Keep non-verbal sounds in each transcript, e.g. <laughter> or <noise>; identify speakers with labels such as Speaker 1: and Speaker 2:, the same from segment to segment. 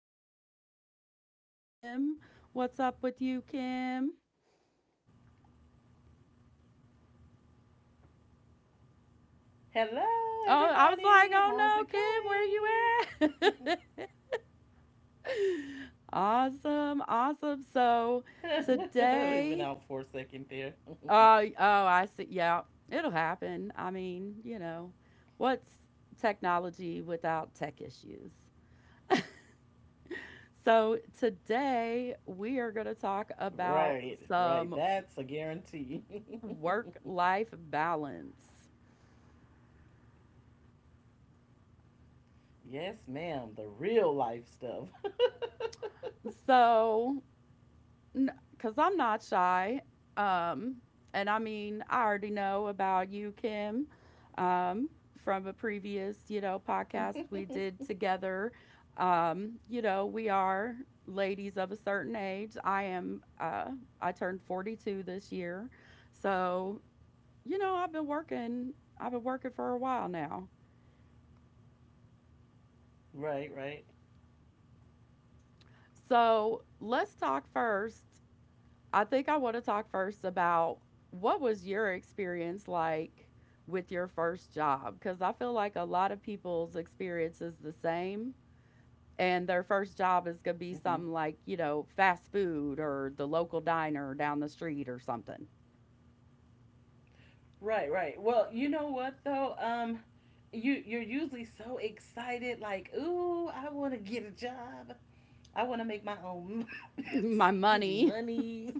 Speaker 1: awesome co host, Kim. What's up with you, Kim?
Speaker 2: Hello,
Speaker 1: Oh, I was like,
Speaker 2: everybody. How's it going?
Speaker 1: oh no, Kim, where you at? <laughs> Awesome. Awesome. So
Speaker 2: <laughs> We went out for a
Speaker 1: today,
Speaker 2: second there. <laughs>
Speaker 1: oh, oh, I see. Yeah, it'll happen. What's technology without tech issues? So, today we are going to talk
Speaker 2: Right,
Speaker 1: about
Speaker 2: right. That's a
Speaker 1: some
Speaker 2: guarantee. <laughs>
Speaker 1: work life balance.
Speaker 2: Yes, ma'am. The real life stuff. <laughs>
Speaker 1: So, because I'm not shy, um, and I already know about you, Kim, um, from a previous, podcast we did together. We are ladies of a certain age. I am, I turned 42 this year. So, you know, I've been working. I've been working for a while now.
Speaker 2: Right, right.
Speaker 1: So let's talk first. I want to talk first about what was your experience like with your first job? Because I feel like a lot of people's experience is the same. And their first job is going to be
Speaker 2: Hmm.
Speaker 1: something like, you know, fast food or the local diner down the street or something.
Speaker 2: Right, right. Well, you know what though? You're usually so excited, like, ooh, I want to get a job. I want to make my own, <laughs>
Speaker 1: <laughs> My
Speaker 2: excuse me,
Speaker 1: money.
Speaker 2: money.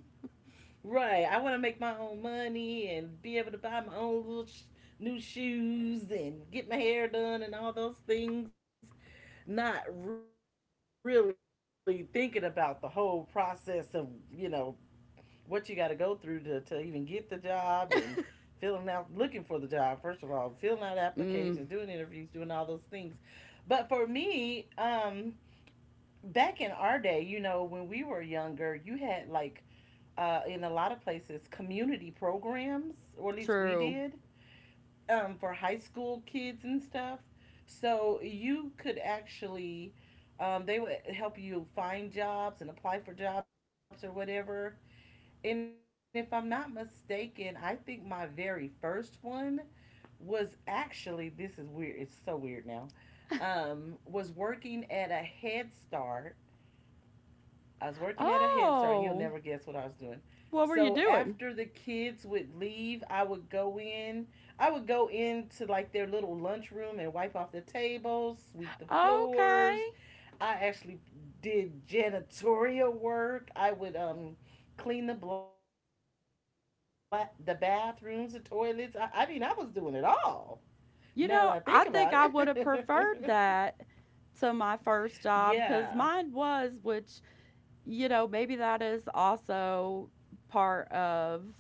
Speaker 2: Right. I want to make my own money and be able to buy my own little new shoes and get my hair done and all those things. Not really thinking about the whole process of, you know, what you got to go through to even get the job and filling out, looking for the job, first of all, filling out applications, doing interviews, doing
Speaker 1: Mm,
Speaker 2: all those things. But for me, back in our day, you know, when we were younger, you had like in a lot of places community programs, or at least we
Speaker 1: true.
Speaker 2: did, for high school kids and stuff. So you could actually, they would help you find jobs and apply for jobs or whatever. And if I'm not mistaken, I think my very first one was actually, this is weird. It's so weird now. Was working at a Head Start I was working at a Head Start, and you'll
Speaker 1: Oh,
Speaker 2: never guess what I was doing.
Speaker 1: what were you
Speaker 2: So
Speaker 1: doing?
Speaker 2: after the kids would leave, I would go in. I would go into like their little lunchroom and wipe off the tables, sweep the
Speaker 1: Okay.
Speaker 2: floors. I actually did janitorial work. I would clean the bathrooms, the toilets. I mean, I was doing it all. Now that I think about
Speaker 1: You know,
Speaker 2: it,
Speaker 1: I think I would have preferred that
Speaker 2: <laughs>
Speaker 1: to
Speaker 2: yeah.
Speaker 1: my first job because mine was, which, you know, maybe that is also part of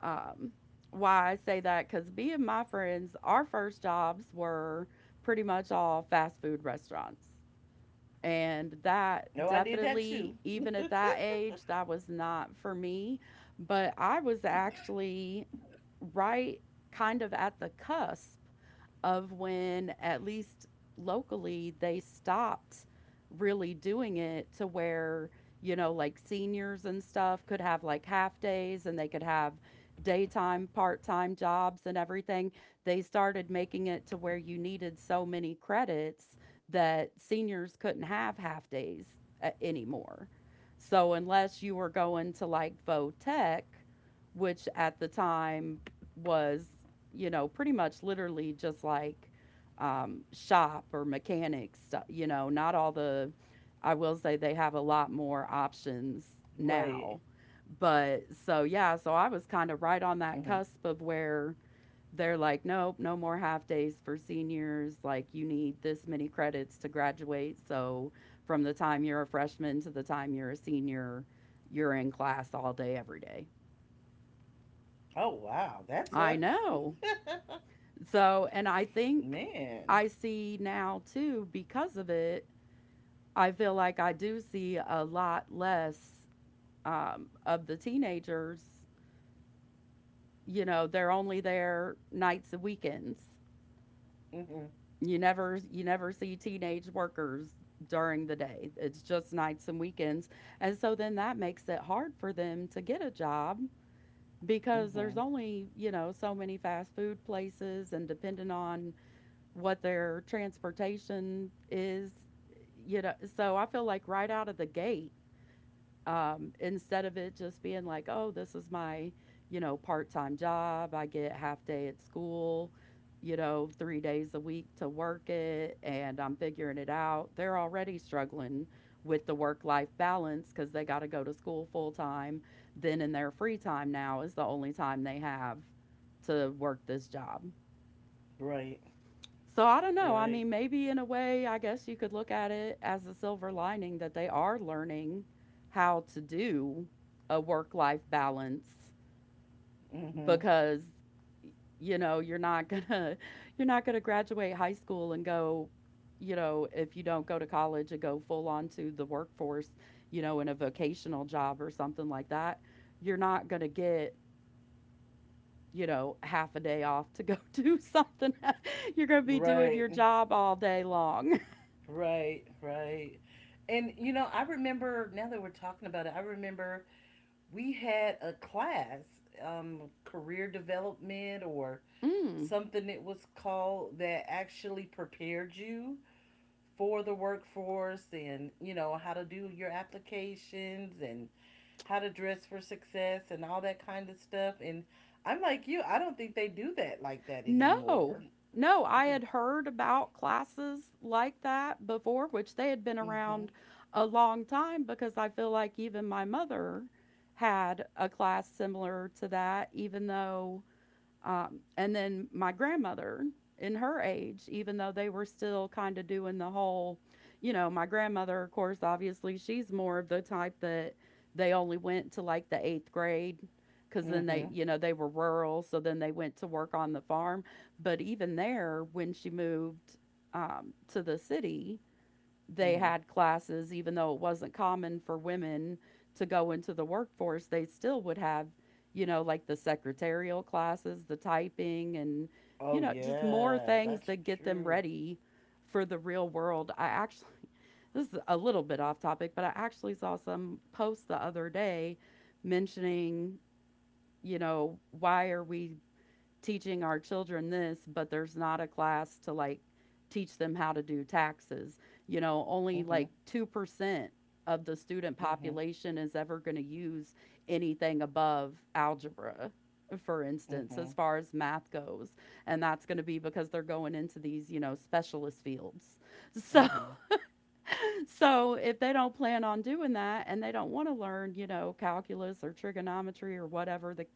Speaker 1: um, why I say that because me and my friends, our first jobs were pretty much all fast food restaurants. And that
Speaker 2: No, I did that too.
Speaker 1: definitely, even at that age, that was not for me. But I was actually right kind of at the cusp of when, at least locally, they stopped really doing it to where, you know, like seniors and stuff could have like half days and they could have daytime, part time jobs and everything. They started making it to where you needed so many credits that seniors couldn't have half days anymore. So unless you were going to like Votech, which at the time was, you know, pretty much literally just like shop or mechanic stuff, you know, not all the, I will say they have a lot more
Speaker 2: <laughs>
Speaker 1: options
Speaker 2: Right.
Speaker 1: now. But so, yeah, so I was kind of right
Speaker 2: Hmm.
Speaker 1: on that cusp of where they're like, nope, no more half days for seniors. Like, you need this many credits to graduate. So, from the time you're a freshman to the time you're a senior, you're in class all day, every day.
Speaker 2: Oh wow, that
Speaker 1: I
Speaker 2: sucks.
Speaker 1: know.
Speaker 2: <laughs>
Speaker 1: So, and I think
Speaker 2: Man.
Speaker 1: I see now too, because of it, I feel like I do see a lot less of the teenagers. You know, they're only there nights and weekends.
Speaker 2: Mhm.
Speaker 1: You never see teenage workers during the day. It's just nights and weekends. And so then that makes it hard for them to get a job because there's
Speaker 2: Mhm.
Speaker 1: only, you know, so many fast food places and depending on what their transportation is, you know. So I feel like right out of the gate, instead of it just being like, oh, this is my, you know, part time job, I get half day at school, you know, 3 days a week to work it, and I'm figuring it out. They're already struggling with the work life balance because they got to go to school full time. Then in their free time now is the only time they have to work this job.
Speaker 2: Right.
Speaker 1: So I don't know. I mean,
Speaker 2: Right.
Speaker 1: maybe in a way, I guess you could look at it as a silver lining that they are learning how to do a work life balance
Speaker 2: Mhm.
Speaker 1: because you know, you're not going to <laughs> you're not going to graduate high school and go, you know, if you don't go to college and go full on to the workforce, you know, in a vocational job or something like that, you're not going to get, you know, half a day off to go <laughs> do something. <laughs> You're going to be doing your
Speaker 2: Right.
Speaker 1: job all day long.
Speaker 2: Right. Right. And you know, I remember now that we're talking about it, I remember we had a class, career development or
Speaker 1: Mm.
Speaker 2: something it was called, that actually prepared you for the workforce and, you know, how to do your applications and how to dress for success and all that kind of stuff. And I'm like you, I don't think they do that like that
Speaker 1: No,
Speaker 2: anymore.
Speaker 1: no, I had heard about classes like that before, which they had been
Speaker 2: Mhm.
Speaker 1: around a long time because I feel like even my mother had a class similar to that, even though. And then my grandmother, in her age, even though they were still kind of doing the whole, you know, my grandmother, of course, obviously, she's more of the type that they only went to like the eighth grade because then they,
Speaker 2: Mhm.
Speaker 1: you know, they were rural. So then they went to work on the farm. But even there, when she moved to the city, they
Speaker 2: Mhm.
Speaker 1: had classes, even though it wasn't common for women to go into the workforce, they still would have, you know, like the secretarial classes, the typing, and, you
Speaker 2: Oh
Speaker 1: know, just more
Speaker 2: yeah,
Speaker 1: things
Speaker 2: that's
Speaker 1: that get them
Speaker 2: true.
Speaker 1: ready for the real world. I actually, <laughs> this is a little bit off topic, but I actually saw some post the other day mentioning, you know, why are we teaching our children this, but there's not a class to like teach them how to do taxes. You know, only
Speaker 2: Mhm.
Speaker 1: like 2% of the student
Speaker 2: Mhm.
Speaker 1: population is ever going to use anything above algebra for instance, as
Speaker 2: Mhm.
Speaker 1: far as math goes. And that's going to be because they're going into these, you know, specialist fields. So <laughs>
Speaker 2: Mhm.
Speaker 1: <laughs> so if they don't plan on doing that and they don't want to learn, you know, calculus or trigonometry or whatever the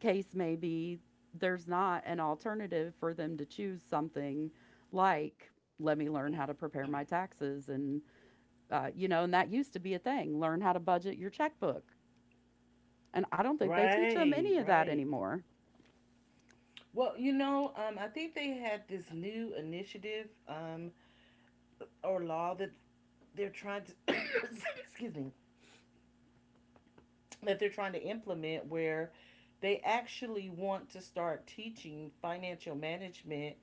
Speaker 1: case may be, there's not an alternative for them to choose something like let me learn how to prepare my taxes and you know, and that used to be a thing, learn how to budget your checkbook. And I don't think they teach them
Speaker 2: Right,
Speaker 1: any of that
Speaker 2: right.
Speaker 1: anymore.
Speaker 2: Well, you know, I think they had this new initiative, or law that they're trying to, <coughs> excuse me, that they're trying to implement where they actually want to start teaching financial management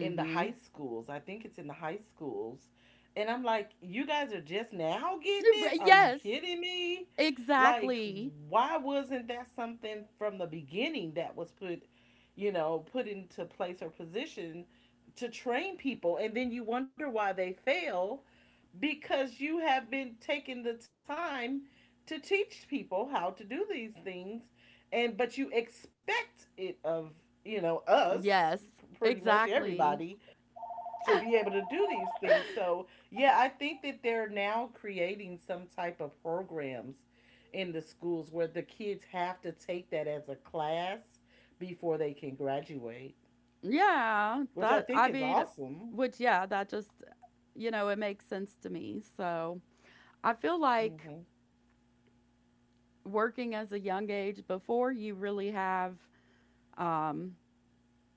Speaker 2: in the high schools. I think it's in the high schools. And I'm like, you guys are just now getting it? Are you
Speaker 1: Yes,
Speaker 2: kidding me? Like,
Speaker 1: exactly.
Speaker 2: why wasn't that something from the beginning that was put, you know, put into place or position to train people? And then you wonder why they fail, because you have been taking the time to teach people how to do these things, and but you expect it of, you know, us,
Speaker 1: Yes,
Speaker 2: pretty much
Speaker 1: exactly.
Speaker 2: everybody, to be able to do these things. So yeah, I think that they're now creating some type of programs in the schools where the kids have to take that as a class before they can graduate,
Speaker 1: Yeah,
Speaker 2: which I
Speaker 1: that
Speaker 2: think
Speaker 1: I
Speaker 2: is
Speaker 1: mean,
Speaker 2: awesome.
Speaker 1: which yeah, that just, you know, it makes sense to me. So I feel like
Speaker 2: Mhm.
Speaker 1: working as a young age before you really have, um,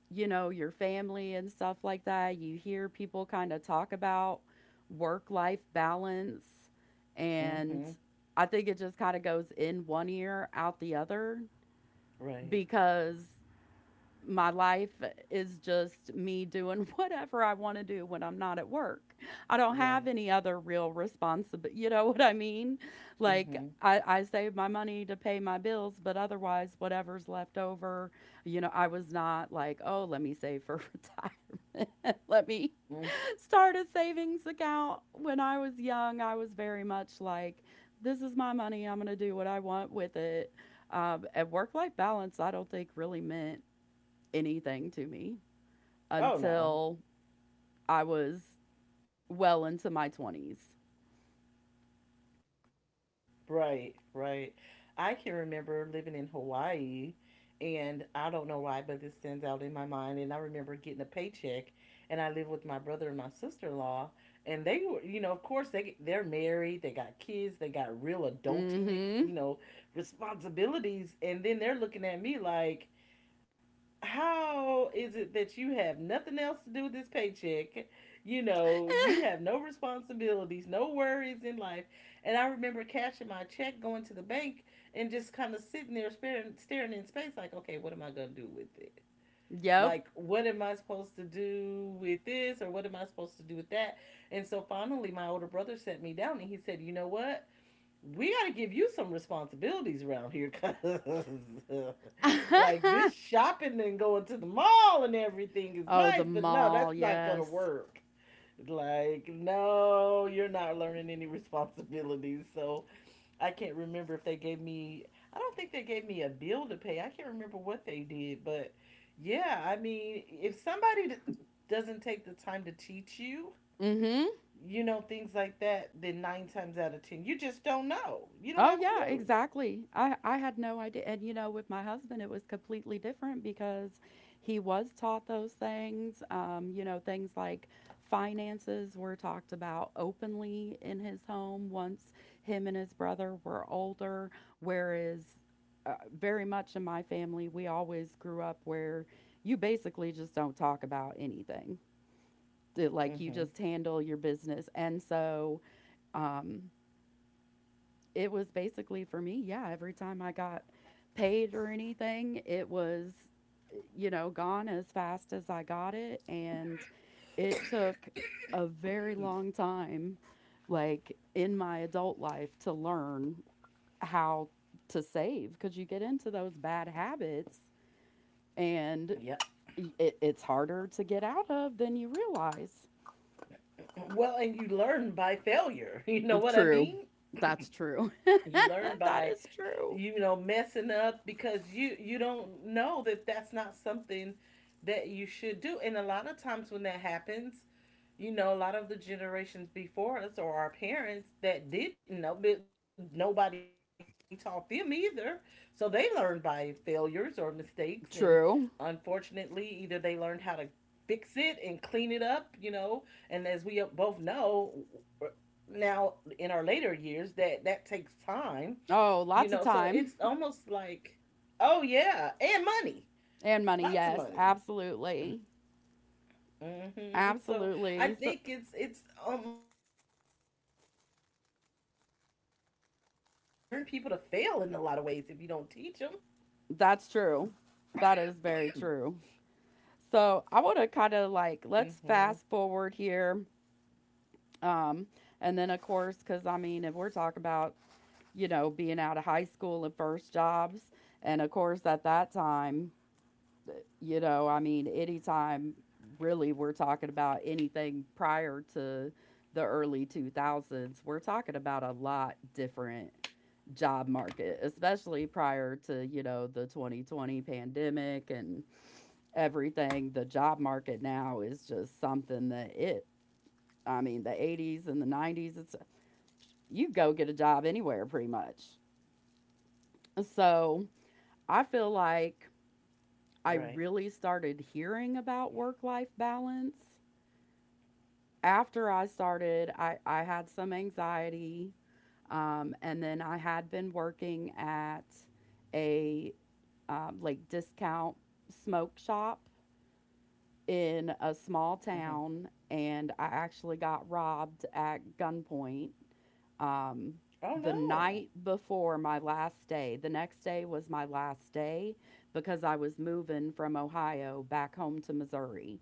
Speaker 1: you know, your family and stuff like that, you hear people kind of talk about work life balance. And
Speaker 2: Mhm.
Speaker 1: I think it just kind of goes in one ear, out the other,
Speaker 2: Right.
Speaker 1: because my life is just me doing <laughs> whatever I want to do when I'm not at work. I don't have any
Speaker 2: Right.
Speaker 1: other real responsibility. You know what I mean? Like,
Speaker 2: Mhm.
Speaker 1: I save my money to pay my bills, but otherwise, whatever's left over, you know, I was not like, oh, let me save for <laughs> retirement. <laughs> Let me start a savings account. When I was young, I was very much like, this is my money. I'm going to do what I want with it. And work life balance, I don't think really meant anything to me
Speaker 2: Oh
Speaker 1: until
Speaker 2: no.
Speaker 1: I was well into my 20s.
Speaker 2: Right, right. I can remember living in Hawaii, and I don't know why, but this stands out in my mind, and I remember getting a paycheck, and I lived with my brother and my sister in law, and they were, you know, of course they're married, they got kids, they got real
Speaker 1: Mm
Speaker 2: adulting,
Speaker 1: hmm.
Speaker 2: you know, responsibilities, and then they're looking at me like, how is it that you have nothing else to do with this paycheck? You know, you have no responsibilities, no worries in life. And I remember cashing my check, going to the bank, and just kind of sitting there staring, staring in space, like, okay, what am I going to do with it?
Speaker 1: <laughs> Yep.
Speaker 2: Like, what am I supposed to do with this, or what am I supposed to do with that? And so finally, my older brother sat me down and he said, you know what? We got to give you some responsibilities around here, because <laughs> like,
Speaker 1: <laughs>
Speaker 2: this shopping and going to the mall and everything is
Speaker 1: Oh,
Speaker 2: nice,
Speaker 1: the
Speaker 2: but no,
Speaker 1: mall,
Speaker 2: that's not gonna
Speaker 1: yes.
Speaker 2: work. Like, no, you're not learning any responsibilities. So I can't remember if they gave me, I don't think they gave me a bill to pay, I can't remember what they did. But yeah, I mean, if somebody doesn't take the time to teach you,
Speaker 1: Mm hmm.
Speaker 2: you know, things like that, then nine times out of ten, you just don't know. You don't
Speaker 1: Oh
Speaker 2: have a
Speaker 1: yeah,
Speaker 2: clue.
Speaker 1: exactly. I had no idea. And you know, with my husband it was completely different because he was taught those things. You know, things like finances were talked about openly in his home once him and his brother were older, whereas very much in my family we always grew up where you basically just don't talk about anything. Like you
Speaker 2: Mm-hmm.
Speaker 1: just handle your business. And so um it was basically for me, yeah, every time I got paid or anything, it was, you know, gone as fast as I got it. And it took a very long time, like in my adult life, to learn how to save because you get into those bad habits
Speaker 2: Yep.
Speaker 1: and it's harder to get out of than you realize.
Speaker 2: Well, and you learn by failure. <laughs> You know what I
Speaker 1: True.
Speaker 2: mean?
Speaker 1: That's true.
Speaker 2: You learn
Speaker 1: <laughs> That
Speaker 2: by,
Speaker 1: is true.
Speaker 2: you know, messing up, because you don't know that that's not something that you should do. And a lot of times when that happens, you know, a lot of the generations before us, or our parents that didn't know, but nobody taught them either. So they learned by failures or mistakes. And unfortunately,
Speaker 1: True.
Speaker 2: either they learned how to fix it and clean it up, you know. And as we both know, now in our later years, that that takes time, you
Speaker 1: Oh,
Speaker 2: know. So
Speaker 1: lots of
Speaker 2: it's
Speaker 1: time
Speaker 2: almost like, oh, yeah, and money,
Speaker 1: and money.
Speaker 2: lots of
Speaker 1: Yes,
Speaker 2: money.
Speaker 1: absolutely.
Speaker 2: So I
Speaker 1: Absolutely.
Speaker 2: think
Speaker 1: So,
Speaker 2: it's almost like preparing people to fail in a lot of ways if you don't teach them.
Speaker 1: that's true. That is very true. So I want to
Speaker 2: Hmm.
Speaker 1: kind of like let's fast forward here. Um, and then of course, because I mean, if we're talking about, you know, being out of high school and first jobs, and of course at that time, uh, you know, I mean, anytime really we're talking about anything prior to the early 2000s, we're talking about a lot different job market, especially prior to, you know, the 2020 pandemic and everything. The job market now is just something that it, I mean, the 80s and the 90s, it's you go get a job anywhere pretty much. So, I feel
Speaker 2: Right.
Speaker 1: like I really started hearing about work life balance after I started. I had some anxiety. And then I had been working at a like discount smoke shop in a
Speaker 2: Hmm.
Speaker 1: small town, and I actually got robbed at gunpoint. Um,
Speaker 2: Oh
Speaker 1: the
Speaker 2: no.
Speaker 1: night before my last day, the next day was my last day because I was moving from Ohio back home to Missouri.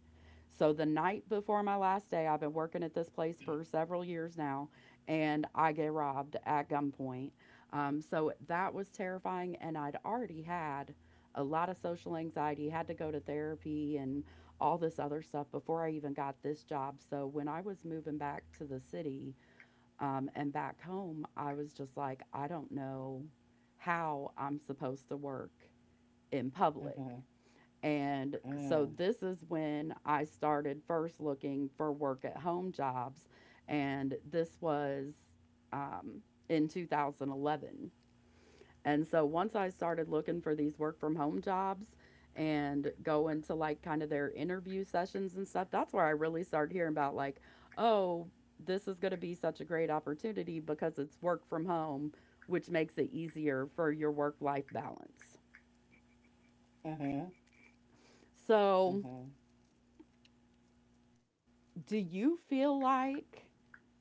Speaker 1: So the night before my last day, I've been working at this place for several years now, and I get robbed at gunpoint. So that was terrifying, and I'd already had a lot of social anxiety, had to go to therapy and all this other stuff before I even got this job. So when I was moving back to the city and back home, I was just like, I don't know how I'm supposed to work in public.
Speaker 2: Hmm.
Speaker 1: And
Speaker 2: Mm-hmm.
Speaker 1: so this is when I started first looking for work at home jobs. And this was um, in 2011. And so once I started looking for these work from home jobs and going to like kind of their interview sessions and stuff, that's where I really started hearing about like, oh, this is going to be such a great opportunity because it's work from home, which makes it easier for your work life balance. So,
Speaker 2: Mm-hmm.
Speaker 1: do you feel like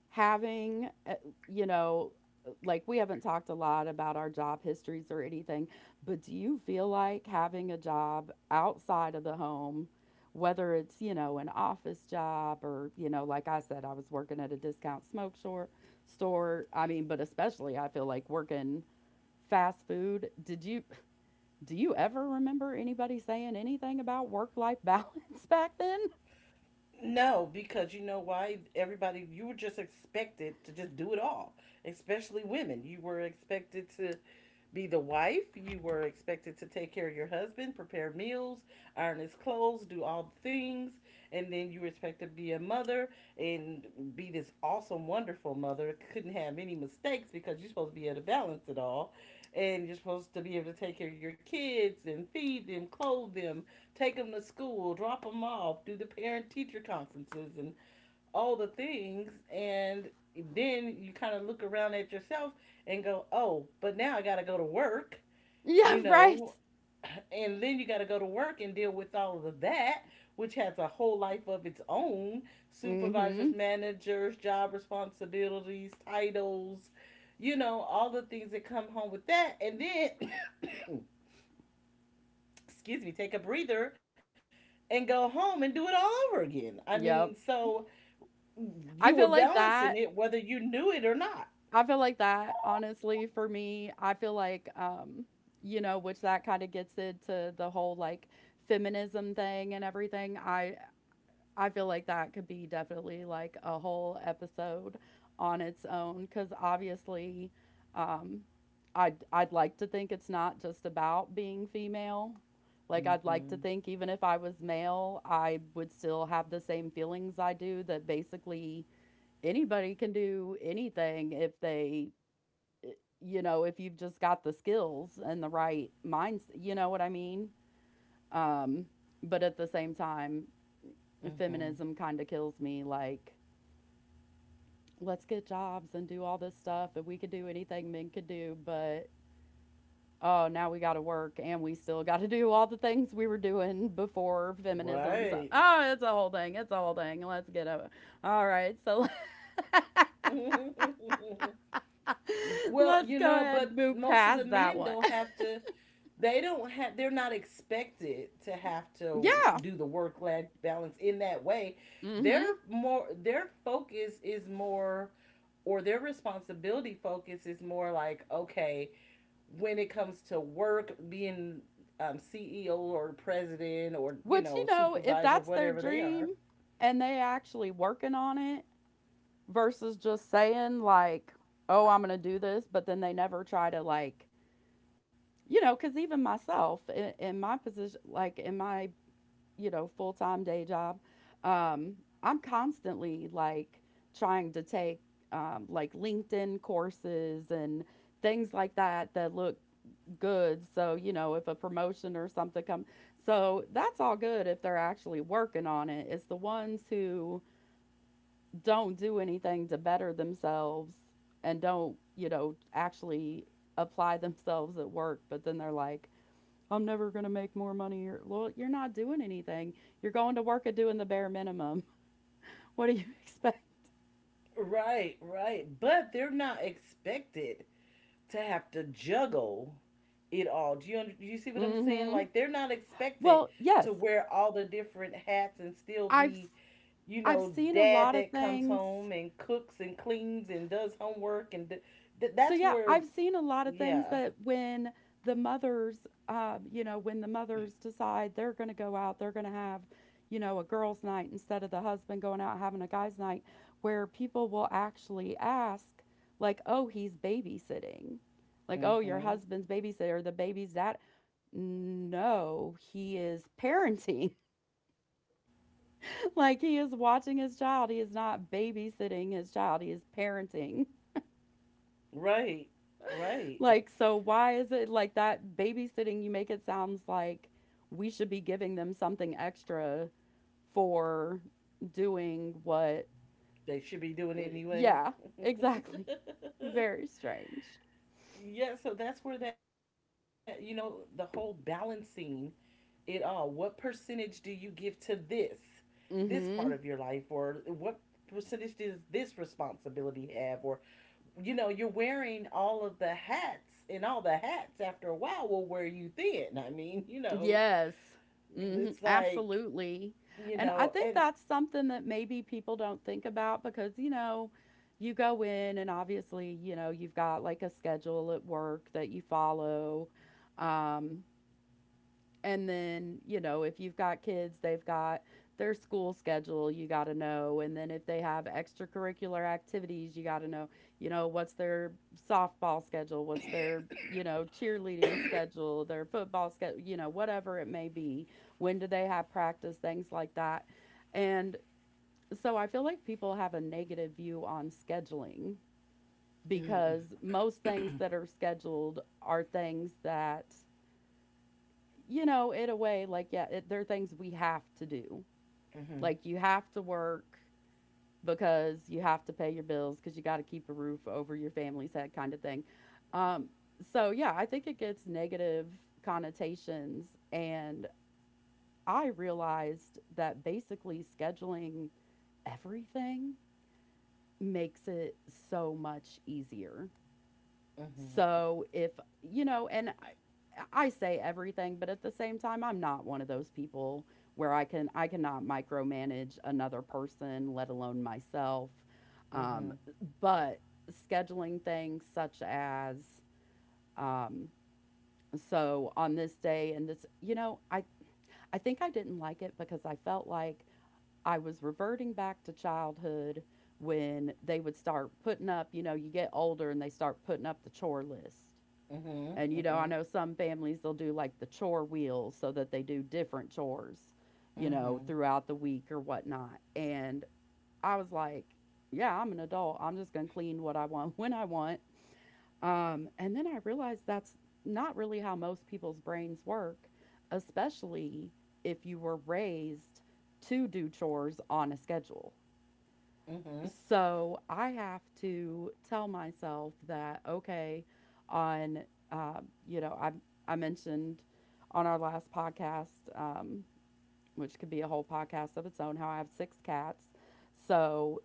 Speaker 1: having, you know, like we haven't talked a lot about our job histories or anything, but do you feel like having a job outside of the home, whether it's, you know, an office job or, you know, like I said, I was working at a discount smoke short store. I mean, but especially I feel like working fast food. Did you Do you ever remember anybody saying anything about work-life balance <laughs> back then?
Speaker 2: No, because you know why? Everybody, you were just expected to just do it all, especially women. You were expected to be the wife, you were expected to take care of your husband, prepare meals, iron his clothes, do all the things, and then you were expected to be a mother, and be this awesome, wonderful mother. Couldn't have any mistakes because you're supposed to be able to balance it all. And you're supposed to be able to take care of your kids and feed them, clothe them, take them to school, drop them off, do the parent teacher conferences and all the things. And then you kind of look around at yourself and go, oh, but now I got to go to work,
Speaker 1: Yeah,
Speaker 2: you
Speaker 1: right.
Speaker 2: know, and then you got to go to work and deal with all of that, which has a whole life of its own, supervisors,
Speaker 1: Mhm.
Speaker 2: managers, job responsibilities, titles. You know, all the things that come home with that. And then, excuse me, take a breather and go home and do it all over again. I
Speaker 1: Yep.
Speaker 2: mean, so
Speaker 1: I feel
Speaker 2: you were
Speaker 1: like that
Speaker 2: balancing it whether you knew it or not.
Speaker 1: I feel like that, honestly, for me, I feel like, you know, which that kind of gets into the whole like feminism thing and everything. I feel like that could be definitely like a whole episode on its own because obviously, um, I'd like to think it's not just about being female. Like I'd like to think
Speaker 2: Mm-hmm.
Speaker 1: even if I was male, I would still have the same feelings I do that basically anybody can do anything if they you know, if you've just got the skills and the right minds, you know what I mean? Um, but at the
Speaker 2: Mm-hmm.
Speaker 1: same time, feminism kind of kills me like, let's get jobs and do all this stuff and we could do anything men could do, but oh, now we got to work and we still got to do all the things we were doing before
Speaker 2: Right.
Speaker 1: feminism. So, oh, it's a whole thing. It's a whole thing. Let's get over. All right. So
Speaker 2: <laughs>
Speaker 1: <laughs>
Speaker 2: Well,
Speaker 1: let's
Speaker 2: you
Speaker 1: go
Speaker 2: know,
Speaker 1: ahead
Speaker 2: but
Speaker 1: and move
Speaker 2: most of the
Speaker 1: past that
Speaker 2: men
Speaker 1: one.
Speaker 2: don't have to they don't have they're not expected to have
Speaker 1: <laughs>
Speaker 2: to
Speaker 1: yeah.
Speaker 2: do the work life balance in that way.
Speaker 1: Mm
Speaker 2: their
Speaker 1: hmm.
Speaker 2: their focus is more, or their responsibility focus is more like, okay, when it comes to work, being CEO or president or, you
Speaker 1: Which, you
Speaker 2: know,
Speaker 1: know, if
Speaker 2: supervisor,
Speaker 1: that's their
Speaker 2: whatever they are.
Speaker 1: dream and they actually working on it versus just saying like, "Oh, I'm going to do this," but then they never try to like, you know, cuz even myself in my position like in my, you know, full-time day job, um I'm constantly like trying to take like LinkedIn courses and things like that that look good. So, you know, if a promotion or something come, so that's all good if they're actually working on it. It's the ones who don't do anything to better themselves and don't, you know, actually apply <laughs> themselves at work, but then they're like, I'm never going to make more money. Well, you're not doing anything. You're going to work at doing the bare minimum. <laughs> What do you <laughs> expect?
Speaker 2: Right, right. But they're not expected to have to juggle it all. Do you, do you see what I'm saying?
Speaker 1: Mm-hmm.
Speaker 2: Like, they're not expected
Speaker 1: Well,
Speaker 2: to
Speaker 1: yes,
Speaker 2: wear all the different hats and still
Speaker 1: I've
Speaker 2: be, you
Speaker 1: I've
Speaker 2: know,
Speaker 1: seen a
Speaker 2: dad
Speaker 1: lot of
Speaker 2: that comes
Speaker 1: things.
Speaker 2: home and cooks and cleans and does homework. And
Speaker 1: So,
Speaker 2: that's
Speaker 1: yeah,
Speaker 2: where,
Speaker 1: I've seen a lot of things
Speaker 2: yeah.
Speaker 1: that when the mothers, you know, when the mothers decide they're going to go out, they're going to have, you know, a girls' night instead of the husband going out having a guys' night, where people will actually ask, like, oh, he's babysitting. Like, oh, your
Speaker 2: Hmm.
Speaker 1: husband's babysitter, or the baby's dad. No, he is parenting. <laughs> Like, he is watching his child. He is not babysitting his child, he is parenting.
Speaker 2: Right, right.
Speaker 1: Like, so why is it like that babysitting you make it sounds like we should be giving them something extra for doing what
Speaker 2: They should be doing
Speaker 1: uh,
Speaker 2: anyway.
Speaker 1: yeah, exactly. Very
Speaker 2: <laughs>
Speaker 1: strange.
Speaker 2: Yeah, so that's where that, you know, the whole balancing it all. What percentage do you give to this, part of your
Speaker 1: Mhm.
Speaker 2: life, or what percentage does this responsibility have? Or, you know, you're wearing all of the hats, and all the hats after a while will wear you thin. I mean, you know,
Speaker 1: Yes. Mhm.
Speaker 2: it's like,
Speaker 1: Absolutely.
Speaker 2: you
Speaker 1: And I
Speaker 2: know,
Speaker 1: think
Speaker 2: and.
Speaker 1: that's something that maybe people don't think about because, you know, you go in and obviously, you know, you've got like a schedule at work that you follow. Um And then, you know, if you've got kids, they've got their school schedule, you got to know. And then if they have extracurricular activities, you got to know, you know, what's their softball schedule, what's their, you know, cheerleading schedule, their football schedule, you know, whatever it may be. When do they have practice, things like that. And so I feel like people have a negative view on scheduling
Speaker 2: Mm-hmm,
Speaker 1: because most things that are scheduled are things that you know, in a way, like, yeah, it, there are things we have to do. Like, you have to work because you have to pay your bills because you got to keep a roof over your family's head, kind of thing. Um, so, yeah, I think it gets negative connotations. And I realized that basically scheduling everything makes it so much easier.
Speaker 2: mm-hmm,
Speaker 1: So if, you know, and I say everything, but at the same time, I'm not one of those people where I cannot micromanage another person, let alone myself. Um,
Speaker 2: mm-hmm,
Speaker 1: but scheduling things such as um, so on this day and this, you know, I think I didn't like it because I felt like I was reverting back to childhood when they would start putting up, you know, you get older and they start putting up the chore list.
Speaker 2: mm-hmm,
Speaker 1: And you know, I
Speaker 2: mm-hmm,
Speaker 1: know some families they'll do like the chore wheels so that they do different chores, you know,
Speaker 2: mm-hmm.
Speaker 1: throughout the week or whatnot. And I was like, yeah, I'm an adult. I'm just going to clean what I want <laughs> when I want. And then I realized that's not really how most people's brains work, especially if you were raised to do chores on a schedule.
Speaker 2: Mm-hmm.
Speaker 1: So I have to tell myself that okay, on you know I mentioned on our last podcast, um, which could be a whole podcast of its own, how I have six cats. So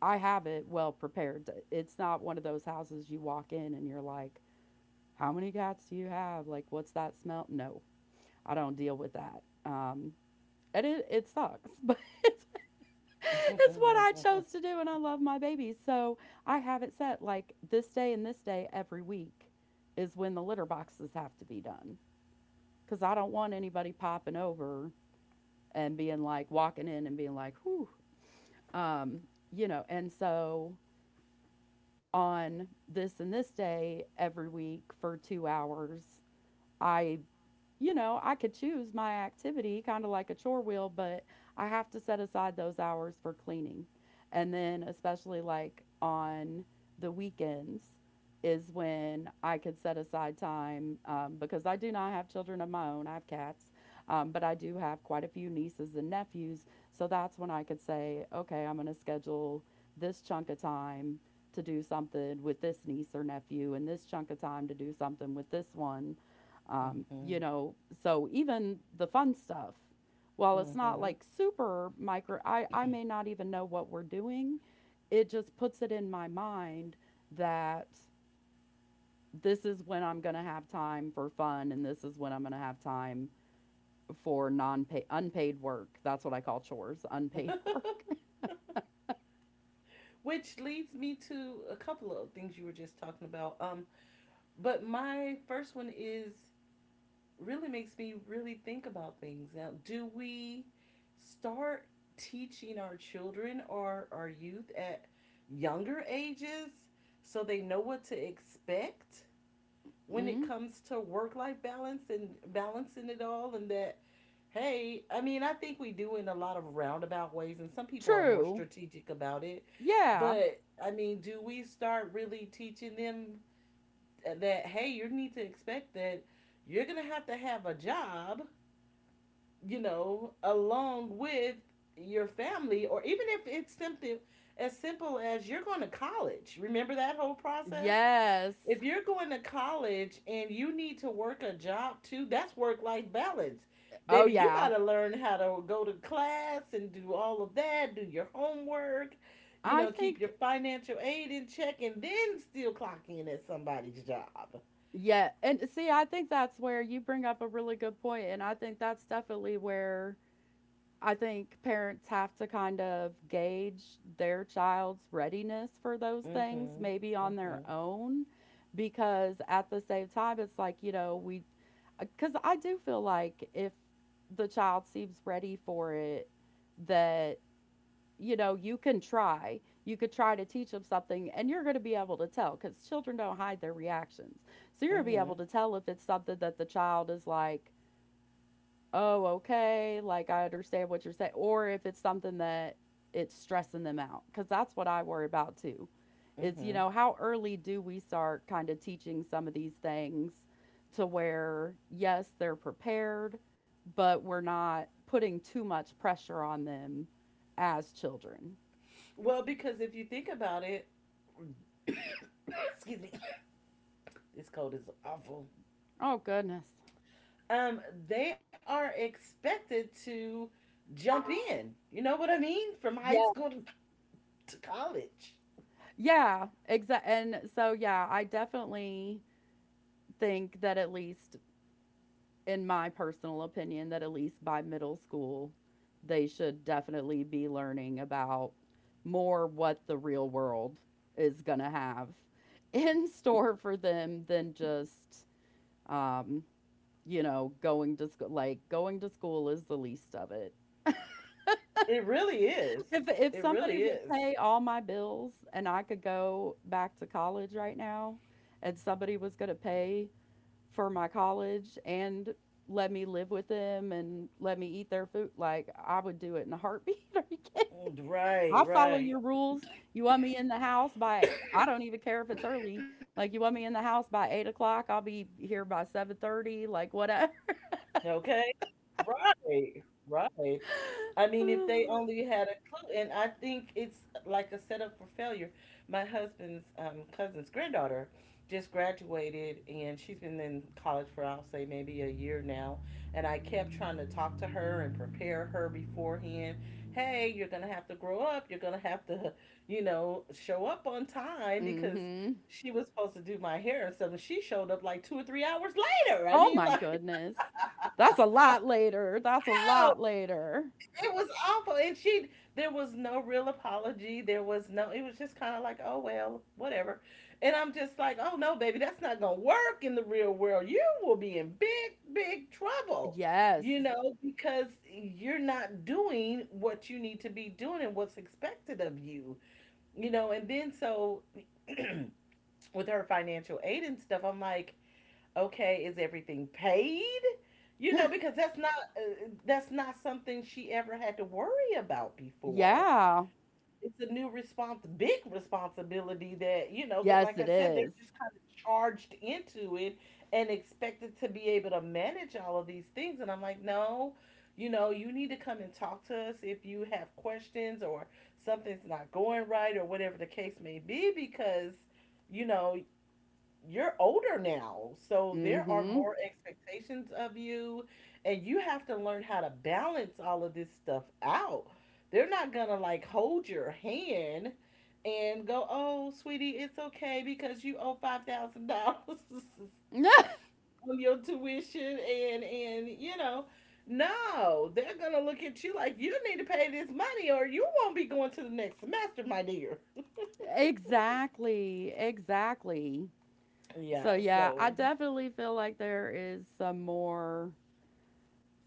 Speaker 1: I have it well prepared. It's not one of those houses you walk in and you're like, how many cats do you have? Like, what's that smell? No, I don't deal with that. And it sucks, but <laughs> it's <laughs> it's what I
Speaker 2: Mm-hmm.
Speaker 1: chose to do, and I love my babies. So I have it set like this day and this day every week is when the litter boxes have to be done because I don't want anybody popping over and being like walking in and being like, whew, um, you know. And so on this and this day every week for 2 hours, I you know, I could choose my activity kind of like a chore wheel, but I have to set aside those hours for cleaning. And then, especially like on the weekends, is when I could set aside time because I do not have children of my own. I have cats, but I do have quite a few nieces and nephews. So that's when I could say, okay, I'm going to schedule this chunk of time to do something with this niece or nephew and this chunk of time to do something with this one
Speaker 2: Mm-hmm.
Speaker 1: you know, so even the fun stuff, while it's not
Speaker 2: Mm-hmm.
Speaker 1: like super micro, I may not even know what we're doing. It just puts it in my mind that this is when I'm going to have time for fun and this is when I'm going to have time for non paid unpaid work. That's what I call chores, unpaid work. <laughs>
Speaker 2: Which leads me to a couple of things you were just talking about. But my first one is really makes me really think about things. Now, do we start teaching our children or our youth at younger ages so they know what to expect when it
Speaker 1: mm
Speaker 2: comes to work life balance and balancing it all, and that— Hey, I mean, I think we do in a lot of roundabout ways, and some people are more
Speaker 1: True.
Speaker 2: strategic about it.
Speaker 1: Yeah.
Speaker 2: But I mean, do we start really teaching them that, hey, you need to expect that you're gonna have to have a job, you know, along with your family, or even if it's something as simple as you're going to college. Remember that whole process?
Speaker 1: Yes.
Speaker 2: If you're going to college and you need to work a job too, that's work life balance.
Speaker 1: Oh
Speaker 2: Baby, you got
Speaker 1: yeah.
Speaker 2: to learn how to go to class and do all of that, do your homework, you
Speaker 1: I
Speaker 2: know, keep your
Speaker 1: think
Speaker 2: financial aid in check, and then still clock in at somebody's job.
Speaker 1: yeah, and see, I think that's where you bring up a really good point, and I think that's definitely where I think parents have to kind of gauge their child's readiness for those
Speaker 2: Mm
Speaker 1: things,
Speaker 2: hmm.
Speaker 1: maybe
Speaker 2: Mm
Speaker 1: on
Speaker 2: hmm.
Speaker 1: their own, because at the same time, it's like, you know, we, because I do feel like if the child seems ready for it, that you know, you can try. You could try to teach them something and you're going to be able to tell because children don't hide their reactions. So you're
Speaker 2: Mm
Speaker 1: going to be able
Speaker 2: hmm.
Speaker 1: to tell if it's something that the child is like, oh, okay, like I understand what you're saying, or if it's something that it's stressing them out because that's what I worry about too.
Speaker 2: Mm
Speaker 1: Is, you
Speaker 2: hmm.
Speaker 1: know, how early do we start kind of teaching some of these things to where, yes, they're prepared, but we're not putting too much pressure on them as children?
Speaker 2: Well, because if you think about it, <coughs> excuse me, this cold is awful.
Speaker 1: Oh, goodness.
Speaker 2: um, they are expected to jump in. You know what I mean? From high
Speaker 1: Yeah.
Speaker 2: school to college.
Speaker 1: Yeah, exactly. And so, yeah, I definitely think that at least in my personal opinion, that at least by middle school, they should definitely be learning about more what the real world is gonna have <laughs> in store for them than just, um, you know, going to school. Like, going to school is the least of it.
Speaker 2: It really is.
Speaker 1: If
Speaker 2: It
Speaker 1: somebody
Speaker 2: really
Speaker 1: would
Speaker 2: is.
Speaker 1: pay all my bills and I could go back to college right now, and somebody was gonna pay for my college and let me live with them and let me eat their food, like, I would do it in a heartbeat. <laughs> Are you kidding?
Speaker 2: Right,
Speaker 1: I'll follow
Speaker 2: right.
Speaker 1: your rules. You want me in the house by I don't even care if it's early. Like, you want me in the house by 8 o'clock, I'll be here by 7:30, like, whatever.
Speaker 2: Okay. Right, right. I
Speaker 1: <laughs>
Speaker 2: mean, if they
Speaker 1: mm
Speaker 2: only had a clue, and I think it's like a setup for failure. My husband's cousin's granddaughter just graduated, and she's been in college for, I'll say, maybe a year now. And I kept trying to talk to her and prepare her beforehand. Hey, you're gonna have to grow up. You're gonna have to, you know, show up on time, because
Speaker 1: Mhm. <sighs>
Speaker 2: she was supposed to do my hair and stuff. And she showed up like 2 or 3 hours later. I
Speaker 1: Oh
Speaker 2: mean,
Speaker 1: my
Speaker 2: like,
Speaker 1: goodness. That's a lot later. That's a lot
Speaker 2: <laughs>
Speaker 1: later.
Speaker 2: it was awful, and she there was no real apology. There was no It was just kind of like, oh, well, whatever. And I'm just like, oh no, baby, that's not gonna work in the real world. You will be in big, big trouble,
Speaker 1: Yes.
Speaker 2: you know, because you're not doing what you need to be doing and what's expected of you. You know, and then so with her financial aid and stuff, I'm like, okay, is everything paid? You know, because that's not something she ever had to worry about before.
Speaker 1: Yeah.
Speaker 2: It's a new big responsibility that, you know, that,
Speaker 1: Yes,
Speaker 2: like I
Speaker 1: it
Speaker 2: said, they're
Speaker 1: is.
Speaker 2: just kind of charged into it and expected to be able to manage all of these things. And I'm like, no, you know, you need to come and talk to us if you have questions, or something's not going right, or whatever the case may be, because, you know, you're older now, so there are
Speaker 1: Mm-hmm.
Speaker 2: more expectations of you, and you have to learn how to balance all of this stuff out. They're not gonna like hold your hand and go, "Oh, sweetie, it's okay because you owe $5,000 <laughs>
Speaker 1: <laughs>
Speaker 2: on your tuition," and you know, no, they're gonna look at you like, you need to pay this money or you won't be going to the next semester, my dear. <laughs>
Speaker 1: Exactly. Exactly.
Speaker 2: Yeah,
Speaker 1: So yeah, I
Speaker 2: so,
Speaker 1: definitely feel like there is some more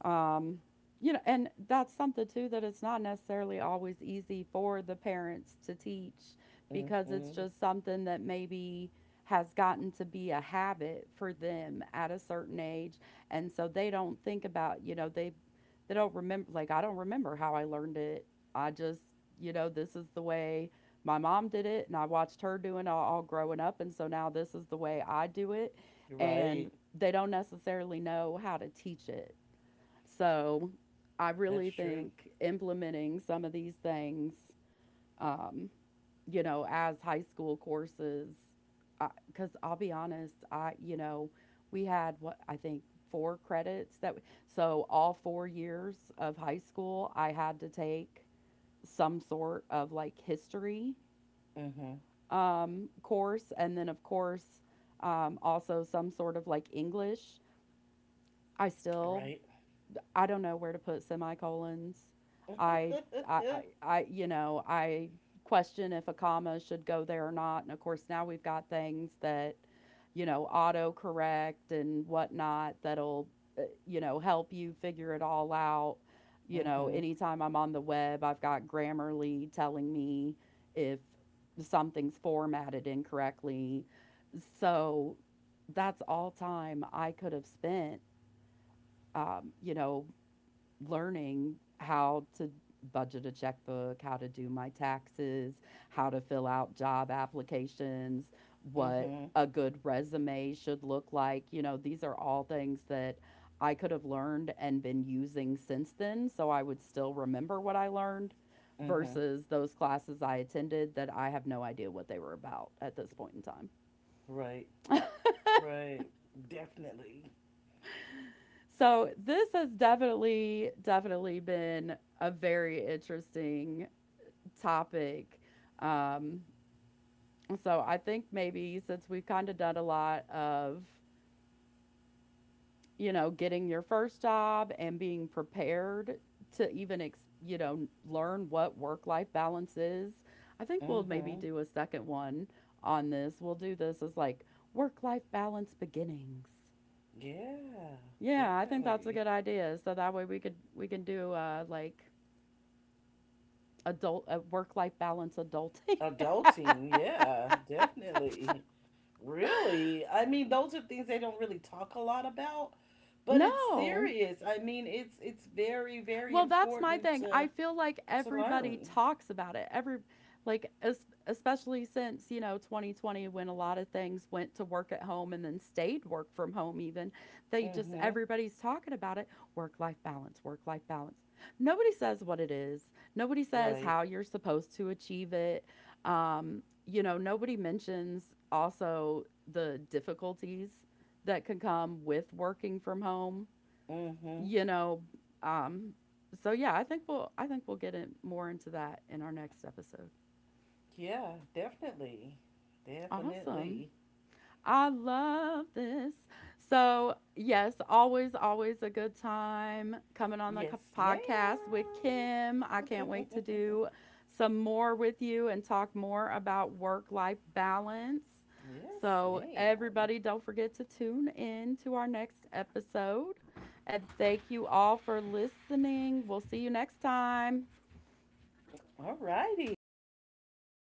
Speaker 1: Um, you know, and that's something too that it's not necessarily always easy for the parents to teach because it's
Speaker 2: hmm,
Speaker 1: just something that maybe has gotten to be a habit for them at a certain age, and so they don't think about, you know, they don't remember, like, I don't remember how I learned it. I just, you know, this is the way my mom did it and I watched her doing it all growing up, and so now this is the way I do it
Speaker 2: right,
Speaker 1: and they don't necessarily know how to teach it. So I
Speaker 2: that's
Speaker 1: really
Speaker 2: true.
Speaker 1: think implementing some of these things, um, you know, as high school courses, because I'll be honest, I, you know, we had what I think four credits that, so all 4 years of high school, I had to take some sort of like history
Speaker 2: Mm-hmm.
Speaker 1: course. And then, of course, also some sort of like English. I still
Speaker 2: Right.
Speaker 1: I don't know where to put semicolons. I,
Speaker 2: <laughs>
Speaker 1: I, I, I, you know, I question if a comma should go there or not. And of course, now we've got things that, you know, auto correct and whatnot that'll, you know, help you figure it all out. You know,
Speaker 2: Mm-hmm.
Speaker 1: anytime I'm on the web, I've got Grammarly telling me if something's formatted incorrectly. So that's all time I could have spent, you know, learning how to budget a checkbook, how to do my taxes, how to fill out job applications, what
Speaker 2: Mm-hmm.
Speaker 1: a good resume should look like. You know, these are all things that I could have learned and been using since then. So I would still remember what I learned
Speaker 2: Mm-hmm.
Speaker 1: versus those classes I attended that I have no idea what they were about at this point in time.
Speaker 2: Right. Right. Definitely.
Speaker 1: So this has definitely, definitely been a very interesting topic. Um, so I think maybe since we've kind of done a lot of, you know, getting your first job and being prepared to even, you know, learn what work life balance is, I think we'll maybe
Speaker 2: Mm-hmm.
Speaker 1: do a second one on this. We'll do this as like work life balance beginnings.
Speaker 2: Yeah.
Speaker 1: Yeah, I think that's a
Speaker 2: Definitely.
Speaker 1: good idea. So that way we can do like adult, work life balance adulting.
Speaker 2: Adulting.
Speaker 1: <laughs>
Speaker 2: Yeah. Definitely. Really. I mean, those are things they don't really talk a lot about, but it's
Speaker 1: No,
Speaker 2: serious. I mean, it's very very
Speaker 1: well, that's my
Speaker 2: important
Speaker 1: thing. I
Speaker 2: to
Speaker 1: feel like
Speaker 2: to
Speaker 1: everybody
Speaker 2: learn.
Speaker 1: talks about it. Every like especially since, you know, 2020, when a lot of things went to work at home and then stayed work from home even. They just
Speaker 2: Mm-hmm.
Speaker 1: everybody's talking about it. Work-life balance, work-life balance. Nobody says what it is. Nobody says
Speaker 2: Right.
Speaker 1: how you're supposed to achieve it. You know, nobody mentions also the difficulties that can come with working from home,
Speaker 2: Mm-hmm.
Speaker 1: you know, um, so yeah, I think we'll get it more into that in our next episode.
Speaker 2: Yeah. Definitely.
Speaker 1: Awesome.
Speaker 2: Definitely.
Speaker 1: I love this. So, yes, always, always a good time coming on the
Speaker 2: Yes,
Speaker 1: podcast with
Speaker 2: ma'am.
Speaker 1: Kim. I can't wait to
Speaker 2: <laughs>
Speaker 1: do some more with you and talk more about work life balance.
Speaker 2: Yes,
Speaker 1: So,
Speaker 2: ma'am.
Speaker 1: everybody, don't forget to tune in to our next episode. And thank you all for listening. We'll see you next time.
Speaker 2: All righty. Thanks, guys.